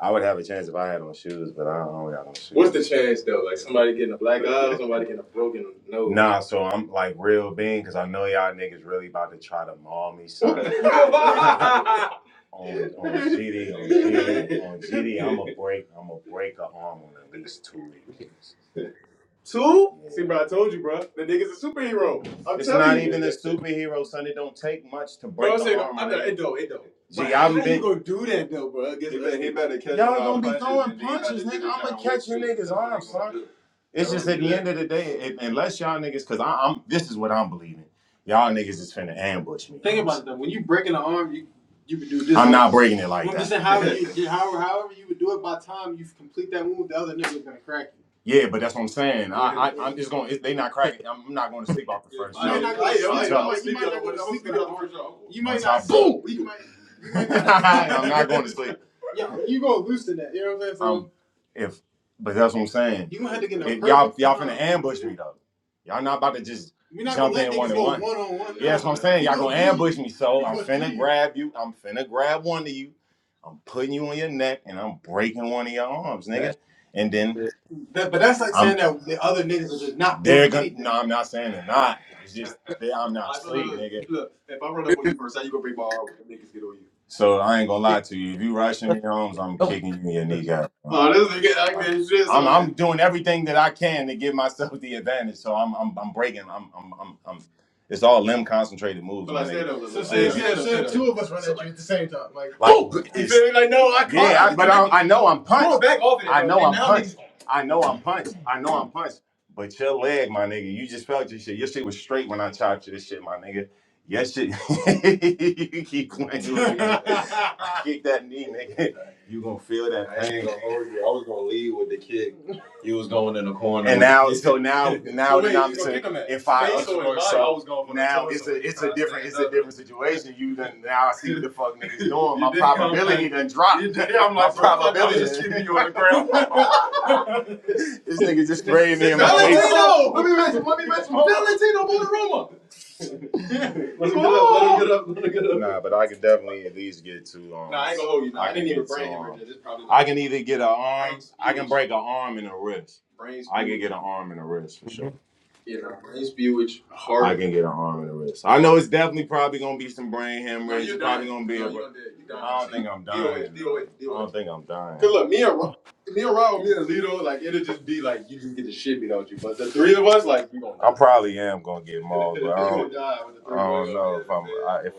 I would have a chance if I had on shoes, but I don't, got no shoes. What's the chance though? Like somebody getting a black eye, or somebody getting a broken nose. Nah, so I'm like real being because I know y'all niggas really about to try to maul me, son. on on GD on GD on G am gonna break I'm going to break a arm on at least two of Two? See, bro, I told you, bro. The nigga's a superhero. I'm It's telling not you. even a superhero, son. It don't take much to break I'm saying, arm I it don't, it don't. Gee, how you been. gonna do that, though, bro, He better, he better catch Y'all gonna be throwing punches, nigga. I'ma catch a nigga's That's arm, son. It's just at the end of the day, it, unless y'all niggas, cause I, am this is what I'm believing. Y'all niggas is finna ambush me. Think about s- it though. When you breaking the arm, you you would do this I'm not breaking it like that. I'm just saying, however you, however, however you would do it. By the time you complete that move, the other nigga's gonna crack yeah, but that's what I'm saying. I, I I'm just going. to They not cracking. I'm not going to sleep off the Yeah, first show. you might not sleep on the first you. might not. Boom. I'm not going to sleep. Yeah, you gonna loosen that. You know what I'm saying? So, Um, So if but that's what I'm saying. you gonna have to get in a y'all y'all finna ambush me though. Y'all not about to just jump in one and one. one on one. Yeah, that's what I'm saying. Y'all gonna ambush me, so I'm finna grab you. I'm finna grab one of you. I'm putting you on your neck, and I'm breaking one of your arms,
That
nigga. And then
shit.
that, but that's like I'm saying that the other niggas are just not they're doing gonna. anything. No, I'm not saying they're not. It's just they, I'm not Like, look, asleep, look, nigga. look. If I run up on you first, how you gonna bring ball when niggas get on you? So I ain't gonna lie to you. If you rushing me, Holmes, I'm
Oh.
kicking you in your kneecap. bro. Oh, this nigga, I Like, can't shit I'm so I'm doing everything that I can to give myself the advantage. So I'm I'm I'm breaking. I'm I'm I'm, I'm it's all limb concentrated moves, But my like, nigga. stand up, So Like say stand if up, you, up, say stand the up. two of us run So at like, you at the same time. Like like woo! You it's feel me? Like, no, I caught yeah. I, it. but I, I know I'm Bro, punched. back off it. I know I'm punched. I know I'm punched. I know I'm punched. But your leg, my nigga, you just felt your shit. Your shit was straight when I chopped you this shit, my nigga. Your shit, you keep going. with Kick that knee, nigga. You gonna feel that pain. I ain't gonna hold you. I was gonna leave with the kick. You was going in the corner. And with now, the so now, now we're not if I Face or his body? now it's a it's a different it's a different situation. You done now I see what the fuck niggas doing. My probability done dropped. I'm like, my probability just keeping you on the ground. This nigga just sprayed me in my face. Valentino! Let me mention, let me mention Valentino Bonaruma. Yeah. Let him get up, let him get up, let him get up. Nah, but I could definitely at least get to um. Nah, I ain't gonna hold you. Nah, I, I didn't even get to brain um. I can either get an arm. I can break an arm and a wrist. I can get an arm and a wrist for sure. You know, his view is hard. I can get an arm and a wrist. I know it's definitely probably gonna be some brain No, hemorrhage. you probably gonna be No, a. you're You're I don't think I'm dying. deal with it. dying. Deal with I don't think I'm dying. Cause look, me and me and Rob, me and Lito, like it'll just be like you just get the shit beat out you. But the three of us, like we gonna Die. I probably am gonna get mauled, but I don't. die with the three of don't know if I'm. man. I, if I if I'm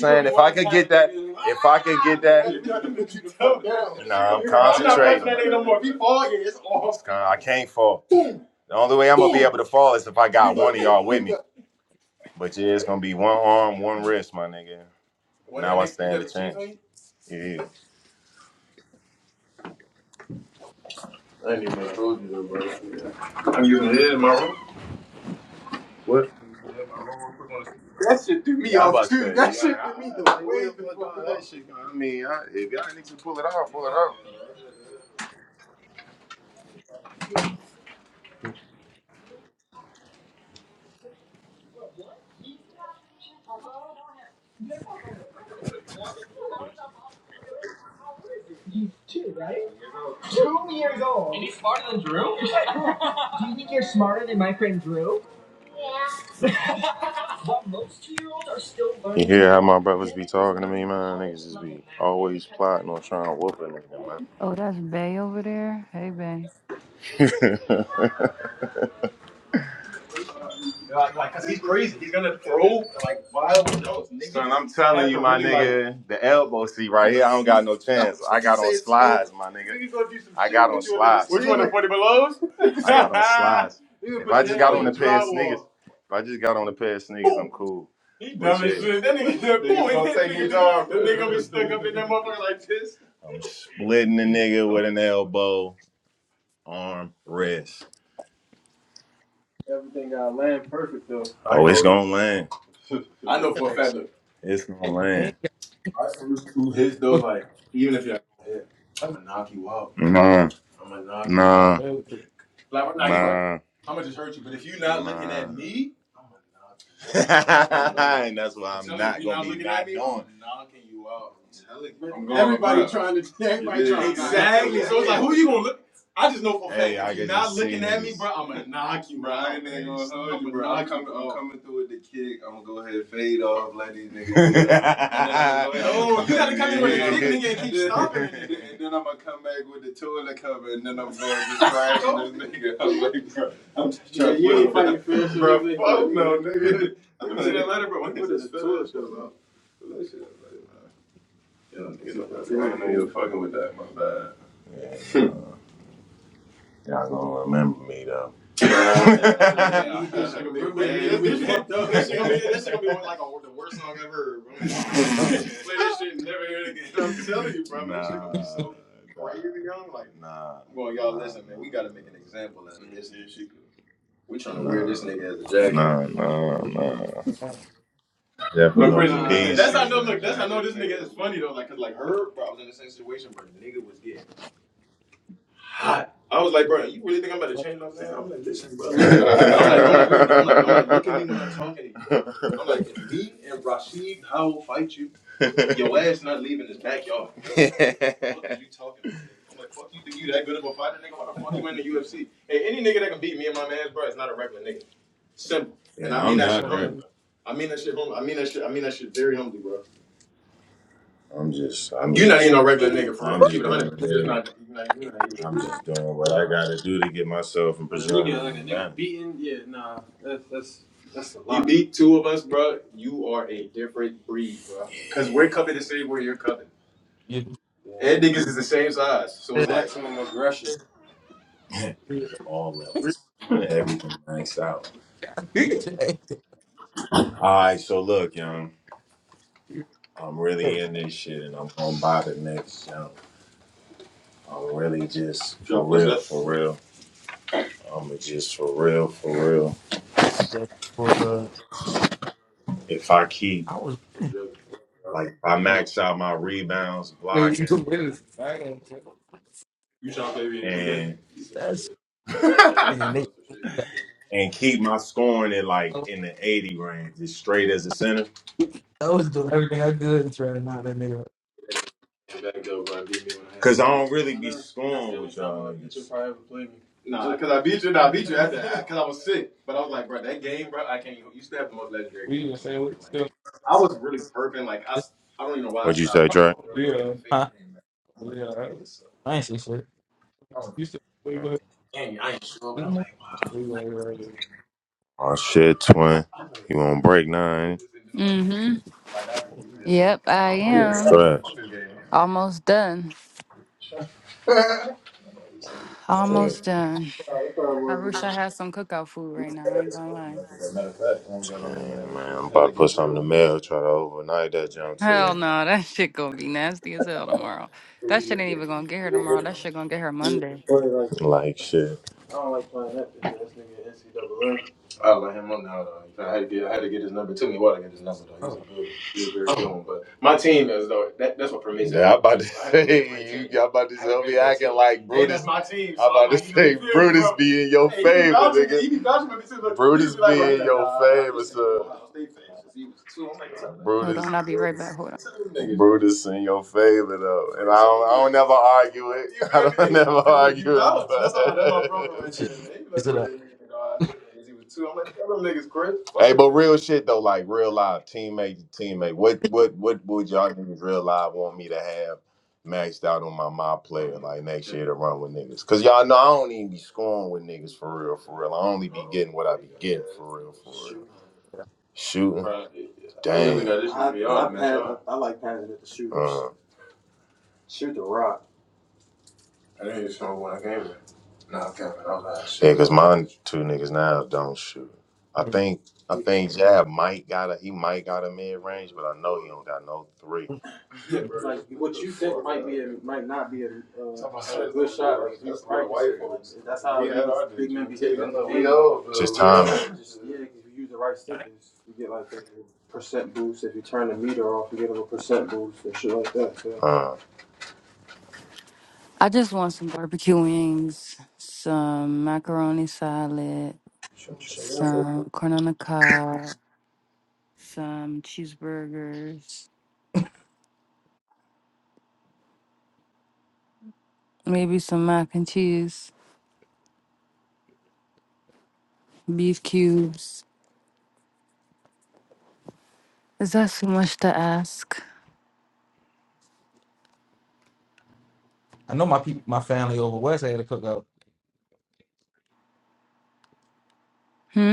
saying if I could get that, if get that, nah, I'm concentrating. I'm not punching that concentrating. nigga no more. If he fall, yeah, it's off. I can't fall. The only way I'm gonna be able to fall is if I got one of y'all with me. But yeah, it's gonna be one arm, one wrist, my nigga. Now I stand a chance. Yeah. I ain't even told you that, bro. I'm using it in my room. That shit threw me Yeah, off too. That Yeah, shit threw me the way the fuck that shit I mean, I, if y'all niggas can pull it off, pull it off. You hear how my brothers be talking to me, man? Niggas just be always plotting on trying to whoop a nigga,
Oh, that's Bay over there. Hey, Bay.
man. Cause he's crazy. He's gonna throw like wild notes. Son, I'm telling you, my really like. nigga, the elbow seat right here, I don't got no chance. I got on slides, my nigga. I got on slides. Which one, the 40 belows? I got on slides. If I just got on a pair of sneakers, if I just got on a pair of sneakers, I'm cool. He dumb as shit, That nigga said, boom, Niggas and gonna that take nigga his just, that nigga be stuck up in that motherfucker like this. I'm splitting the nigga with an elbow, arm, wrist. Everything got land perfect though. Oh, it's gonna land. I know for a fact. Look, It's gonna land. my first two hits though, like even if you're not hit, I'm gonna knock you out. Nah, I'm gonna knock you out. nah, out. Like we're not even. nah, How much it hurt you? But if you're not looking nah. at me. and that's why I'm I'm not gonna be looking at knocking you out. I'm going Everybody bruh. trying to, everybody Yeah. trying Exactly. So it's like, who you gonna look? I just know for a fact Hey, if you're not looking at me, bro, I'm gonna knock you Bro, I out. ain't gonna hold I'm you, gonna bro. I'm coming. through with the kick. I'm gonna go ahead and fade off. Let these niggas do No, you gotta come in with a and kick, then nigga, and keep stopping. stomping and then I'm gonna come back with the toilet cover, and then I'm gonna just crash this nigga. I'm like, bro, I'm just Yeah, trying you to You ain't put fighting fair, so Bro, fuck no, nigga. I didn't see that letter, bro. What is this federal shit about? That shit, man. You know, I not know you are fucking with that. My bad. Yeah. Y'all gonna remember me though. Yeah, that shit gonna be fucked up. That shit gonna be that shit gonna be one like a, the worst song I ever heard, bro. Play that shit and never hear it again. I'm telling you, bro. Nah, This shit gonna be so crazy, young. Like, Nah, well, y'all nah. listen, man. We gotta make an example out of this. We trying to nah. wear this nigga as a jacket. nah, nah, nah. Definitely. that's Peace. how I know. Look, that's how I know this nigga is funny though. Like, cause like her, bro, I was in the same situation where the nigga was getting hot. I was like, bro, you really think I'm about to change my man? I'm like, listen, bro. I'm like, like, look, I'm like, I'm like, look at me when I'm talking to you. I'm like, if me and Rashid I will fight you, your ass not leaving this backyard. What the Fuck is you talking about? I'm like, fuck you think you that good of a fighter, nigga? Why the fuck you in the UFC? Hey, any nigga that can beat me and my man's bro is not a regular nigga. Simple. And yeah, I mean I'm that shit not humbly, right. bro. I mean that shit humbly. I mean that shit I mean that shit very humbly, bro. I'm just, I'm You're not just, even a regular nigga for real. I'm Keep just it one hundred. doing, You're yeah, not. You're not. You're not even a I'm just doing what I got to do to get myself and But a preserve nigga my like a nigga family. beaten, yeah, nah, that's that's that's a You lot. beat two of us, bro. You are a different breed, bro. Cause we're covered the same way you're covered, Yeah. and niggas is the same size. So it's like, Maximum aggression. All levels, everything maxed out. All right, so look, young, I'm
Yeah.
really in this shit, and I'm gonna buy the next young. I'm really just yo, for Jump, what's real, up? for real. Um, it's just for real, for real.
Just because
If I keep
I was
like if I max out my rebounds,
When
blocking,
you win, I ain't
and
that's crazy. and They
and keep my scoring at like in the eighty range, just straight as a center.
I was doing everything I could and trying to knock that nigga. up.
Cause I don't really be scoring with y'all niggas. Nah, cause I beat you. Nah, I beat you after that. Cause I was sick. But I was like, bro, that game, bro, I can't. even- You still have the most legendary
We
game
even
between
say
us.
we
'Cause, Like,
still.
I was really burping. Like, I,
This-
s- I don't even know why I What'd you stopped say, Trey?
Oh, yeah, Huh? yeah. I ain't say shit. You still. We go ahead. We go ahead.
Oh shit, twin. You won't break nine.
Mm-hmm. Yep, I
Oh,
am
stress.
almost done.
Stress.
Almost done. I wish I had some cookout food right now. I ain't gonna lie.
Man, man, I'm about to put something in the mail, try to overnight that junk to
Hell
you.
no, that shit gonna be nasty as hell tomorrow. That shit ain't even gonna get her tomorrow. That shit gonna get her Monday.
Like shit.
Oh,
a good, good, good one. But my team is though that, that's what permits it. Yeah, I'm about to I haven't been to my say pick my you. team. I'm about to I haven't say been be my acting team. can like Hey, Brutus. that's my team, so I'm I'm about to like, you know, you say you feel me, Brutus bro? be in your Hey, you be favor, vouching nigga. you be vouching for me too. Look, you Brutus just be like, bro, be he's in like, your nah, nah, favor, this ain't sir. Ohio State fans since he was two. I'm like, what's up,
Hold
Brutus,
on, I'll be right back.
Brutus,
Hold on.
What's up, nigga? Brutus in your favor though, and I don't, I don't never argue it. You I feel don't me? never Because you argue it, vouch, that's all. That's my brother but right
this is
there, man. You
is
like,
it
bro,
up?
that nigga, you know, I- was two. I'm like, tell them niggas, Chris. Hey, but real shit though, like real life, teammate to teammate. What what what would y'all niggas real life want me to have maxed out on my my player like next year to run with niggas? Cause y'all know I don't even be scoring with niggas for real, for real. I only be getting what I be getting for real, for real. Shooting, dang. I, I, pass- I like passing it to shooters. Uh, Shoot the rock. No, i I'm not Yeah, shooting. cause mine two niggas now don't shoot. I think I think Jab might got a he might got a mid range, but I know he don't got no three. Yeah, bro. Like what you think might be a, might not be a, uh, a good shot. Like if you That's what practice white it, like folks. that's how We had niggas, our big men be hitting them Niggas, we Like It's just bro. We timing. just yeah, if you use the right stickers, you get like a percent boost. If you turn the meter off, you get a little percent boost and shit like that. So Uh,
I just want some barbecue wings, some macaroni salad, some corn on the cob, some cheeseburgers, maybe some mac and cheese, beef cubes. Is that too much to ask?
I know my peop my family over west had a cookout.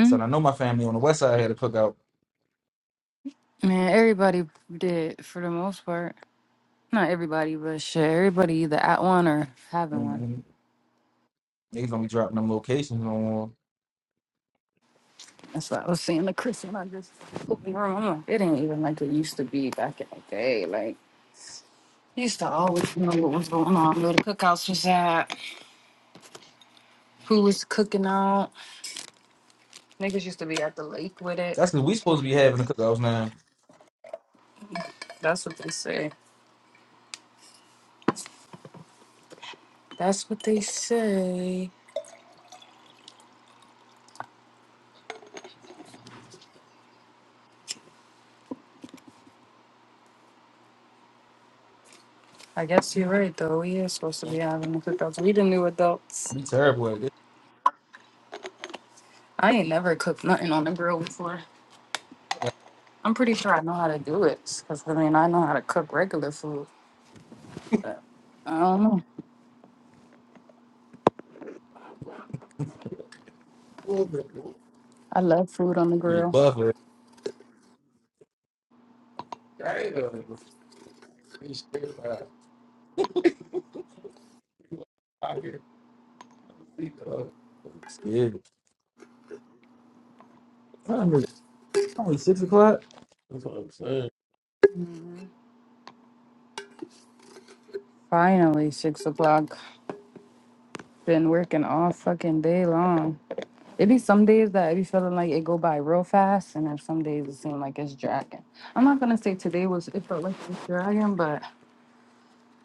I said I know my family on the west side had a cookout.
Man, everybody did for the most part. Not everybody, but shit, everybody either at one or having one.
mm Niggas don't be dropping them locations no more.
That's what I was saying to Chris when I just opened the room. I'm like, it ain't even like it used to be back in the day. like. I Used to always know what was going on, where the cookouts was at, who was cooking out. Niggas used to be at the lake with it.
That's 'cause we supposed to be having the cookouts now.
That's what they say. That's what they say. I guess you're right though. We are supposed to be having the cookouts. We the new adults.
Be terrible at this.
I ain't never cooked nothing on the grill before.
I got
I'm pretty sure I know how to do it. Cause I mean I know how to cook regular food. I don't know.
a little bit of
I love food on the
a
grill.
Buffer. Right, uh, be scared by- I hear people, uh, I'm Scared. Only only six o'clock. That's what I'm saying.
Finally, six o'clock. Been working all fucking day long. It be some days that I be feeling like it go by real fast, and then some days it seem like it's dragging. I'm not gonna say today was it felt like it was dragging, but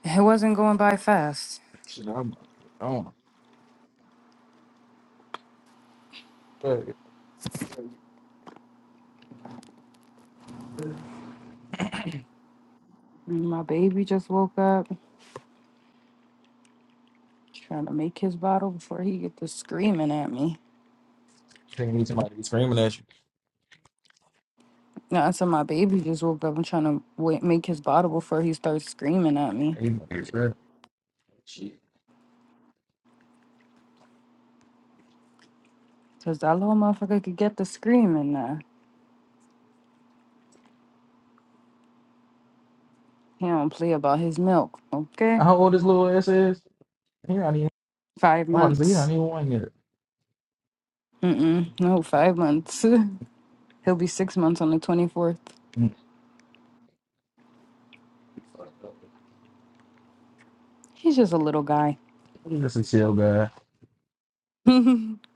it wasn't going by fast.
Shit, I'm on. Fuck.
And My baby just woke up, trying to make his bottle before he get to screaming at me.
Think you need somebody to be screaming at you.
No, I said my baby just woke up. I'm trying to wait, make his bottle before he starts screaming at me,
You might be scared. Shit.
cause that little motherfucker could get to screaming. Now he don't play about his milk. Okay,
How old this little ass is? He not even.
five
I'm about to say he not
months.
even one yet.
Mm mm. No, five months. He'll be six months on the 24th.
Mm.
He's just a little guy.
He's a chill guy.
just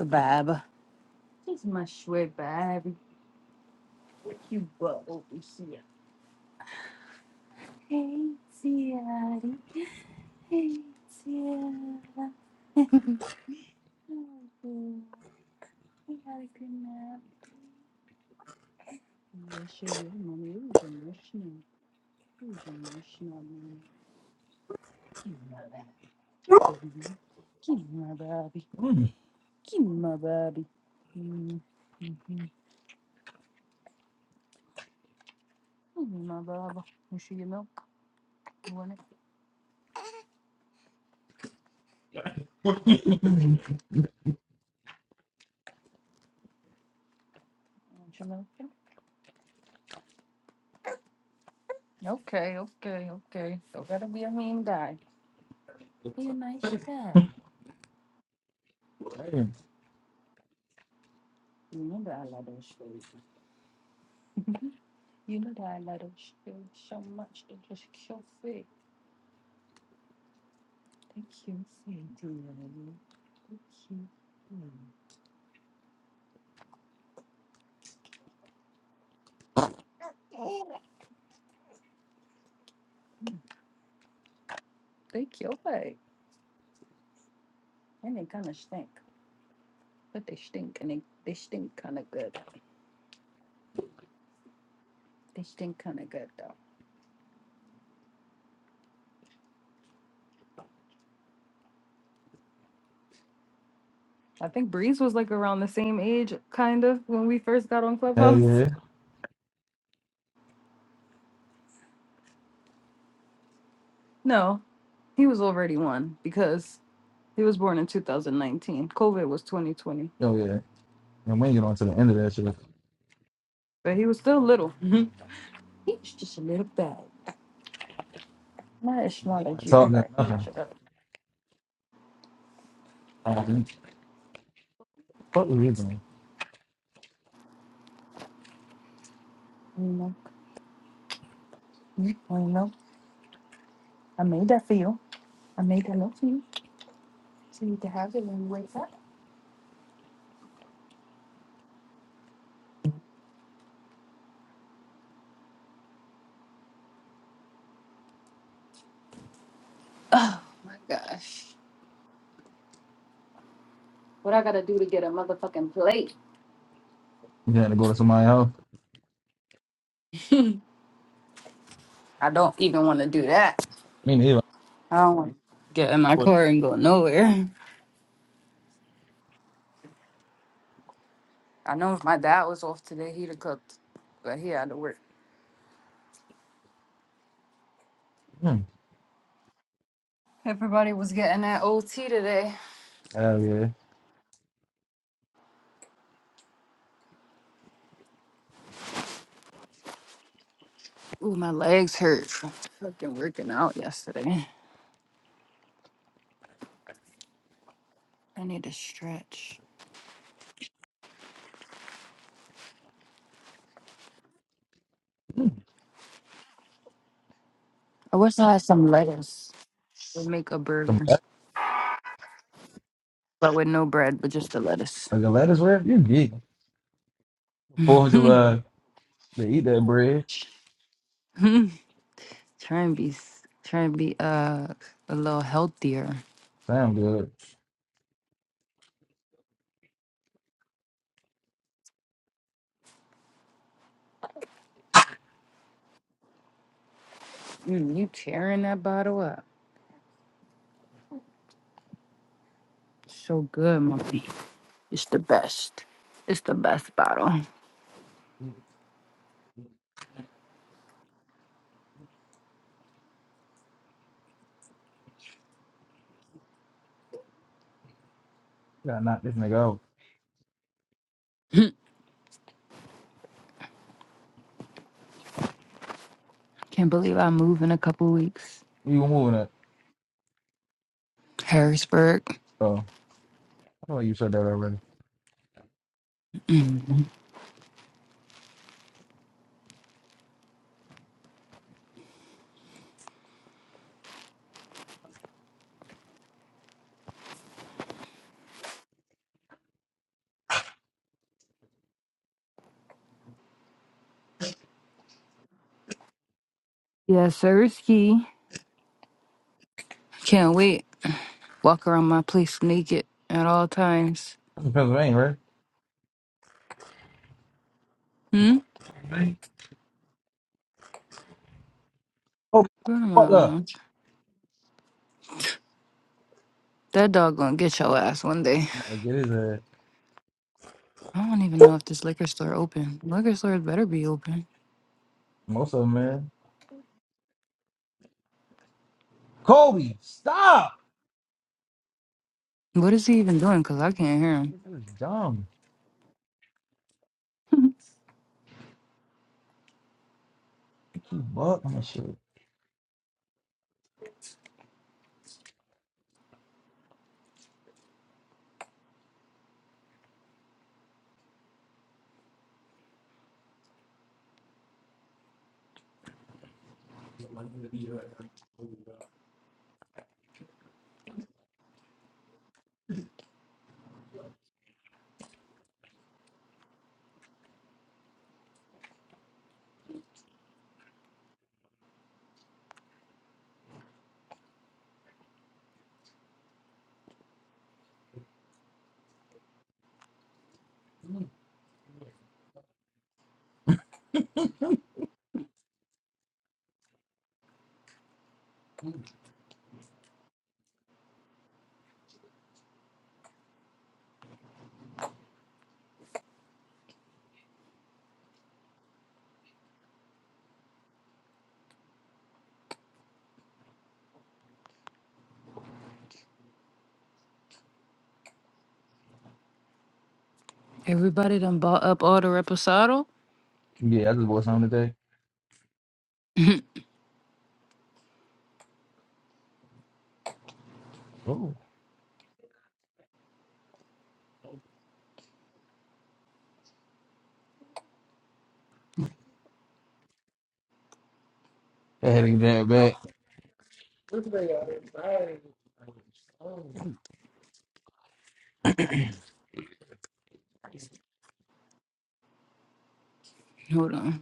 a bab. He's my sweet baby. Hey, Sierra. Hey, Sierra. We had a good nap. Yeah, sure, yeah, mommy. It was emotional. It was emotional, mommy. Give me my baby. Give me my baby.
Mm.
Give me my baby. Mm-hmm. Give me my baby. You see your milk? You want it? You want your milk? Okay, okay, okay. So gotta be a mean guy. Be a nice guy.
Damn.
You know that I love those shoes. you know that I love those shoes so much. They're just so fit. Thank you. Thank you. Thank you. Hmm. Thank you. Like, and they kind of stink, but they stink and they, they stink kind of good. They stink kind of good though. I think Breeze was like around the same age, kind of, when we first got on
Hell
Clubhouse.
yeah.
No, he was already one because He was born in 2019. COVID was 2020,
Oh yeah. And we you get on to the end of that shit,
but he was still little. Mhm. He was just a little bag. Not as
he
small as
wasn't
you,
talking about
but he was
nothing.
shut up.
Um, What was he doing?
You know, you know, I made that for you. I made that love for you, so you can have it when you wake up. Oh my gosh, what I gotta do to get a motherfucking plate?
You had to go to somebody's house.
I don't even want to do that.
Me neither.
I don't want to get in my
What?
car and go nowhere. I know if my dad was off today, he'd have cooked, but he had to work.
Hmm.
Everybody was getting that OT today.
Hell yeah.
Ooh, my legs hurt from fucking working out yesterday. I need to stretch. I wish I had some lettuce. We'll make a
Some
burger,
like
but with no bread, but just the lettuce.
a lettuce wrap? You geek. Fourth of
try
July. They eat that bread.
and be, s- try and be uh a little healthier.
Sound good.
Mm, you tearing that bottle up? So good, mommy. It's the best. It's the best bottle.
gotta knock this nigga out.
Can't believe I move in a couple weeks.
You were moving that.
Harrisburg.
Oh, I thought you said that already.
Mhm. Yeah, sirski. Can't wait. Walk around my place naked at all times.
That's in Pennsylvania, right?
Hmm?
Pennsylvania. Oh,
Where am I
fuck up.
on? That dog gonna get your ass one day.
I'm about to get his ass.
I don't even know if this liquor store open. Liquor store better be open.
Most of them, man. Kobe, stop!
What is he even doing? Cause I can't hear him.
This is dumb. Keep buck and shit.
Everybody done bought up all the reposado?
Yeah, I just bought something today. Oh, I had to get that back.
Hold on.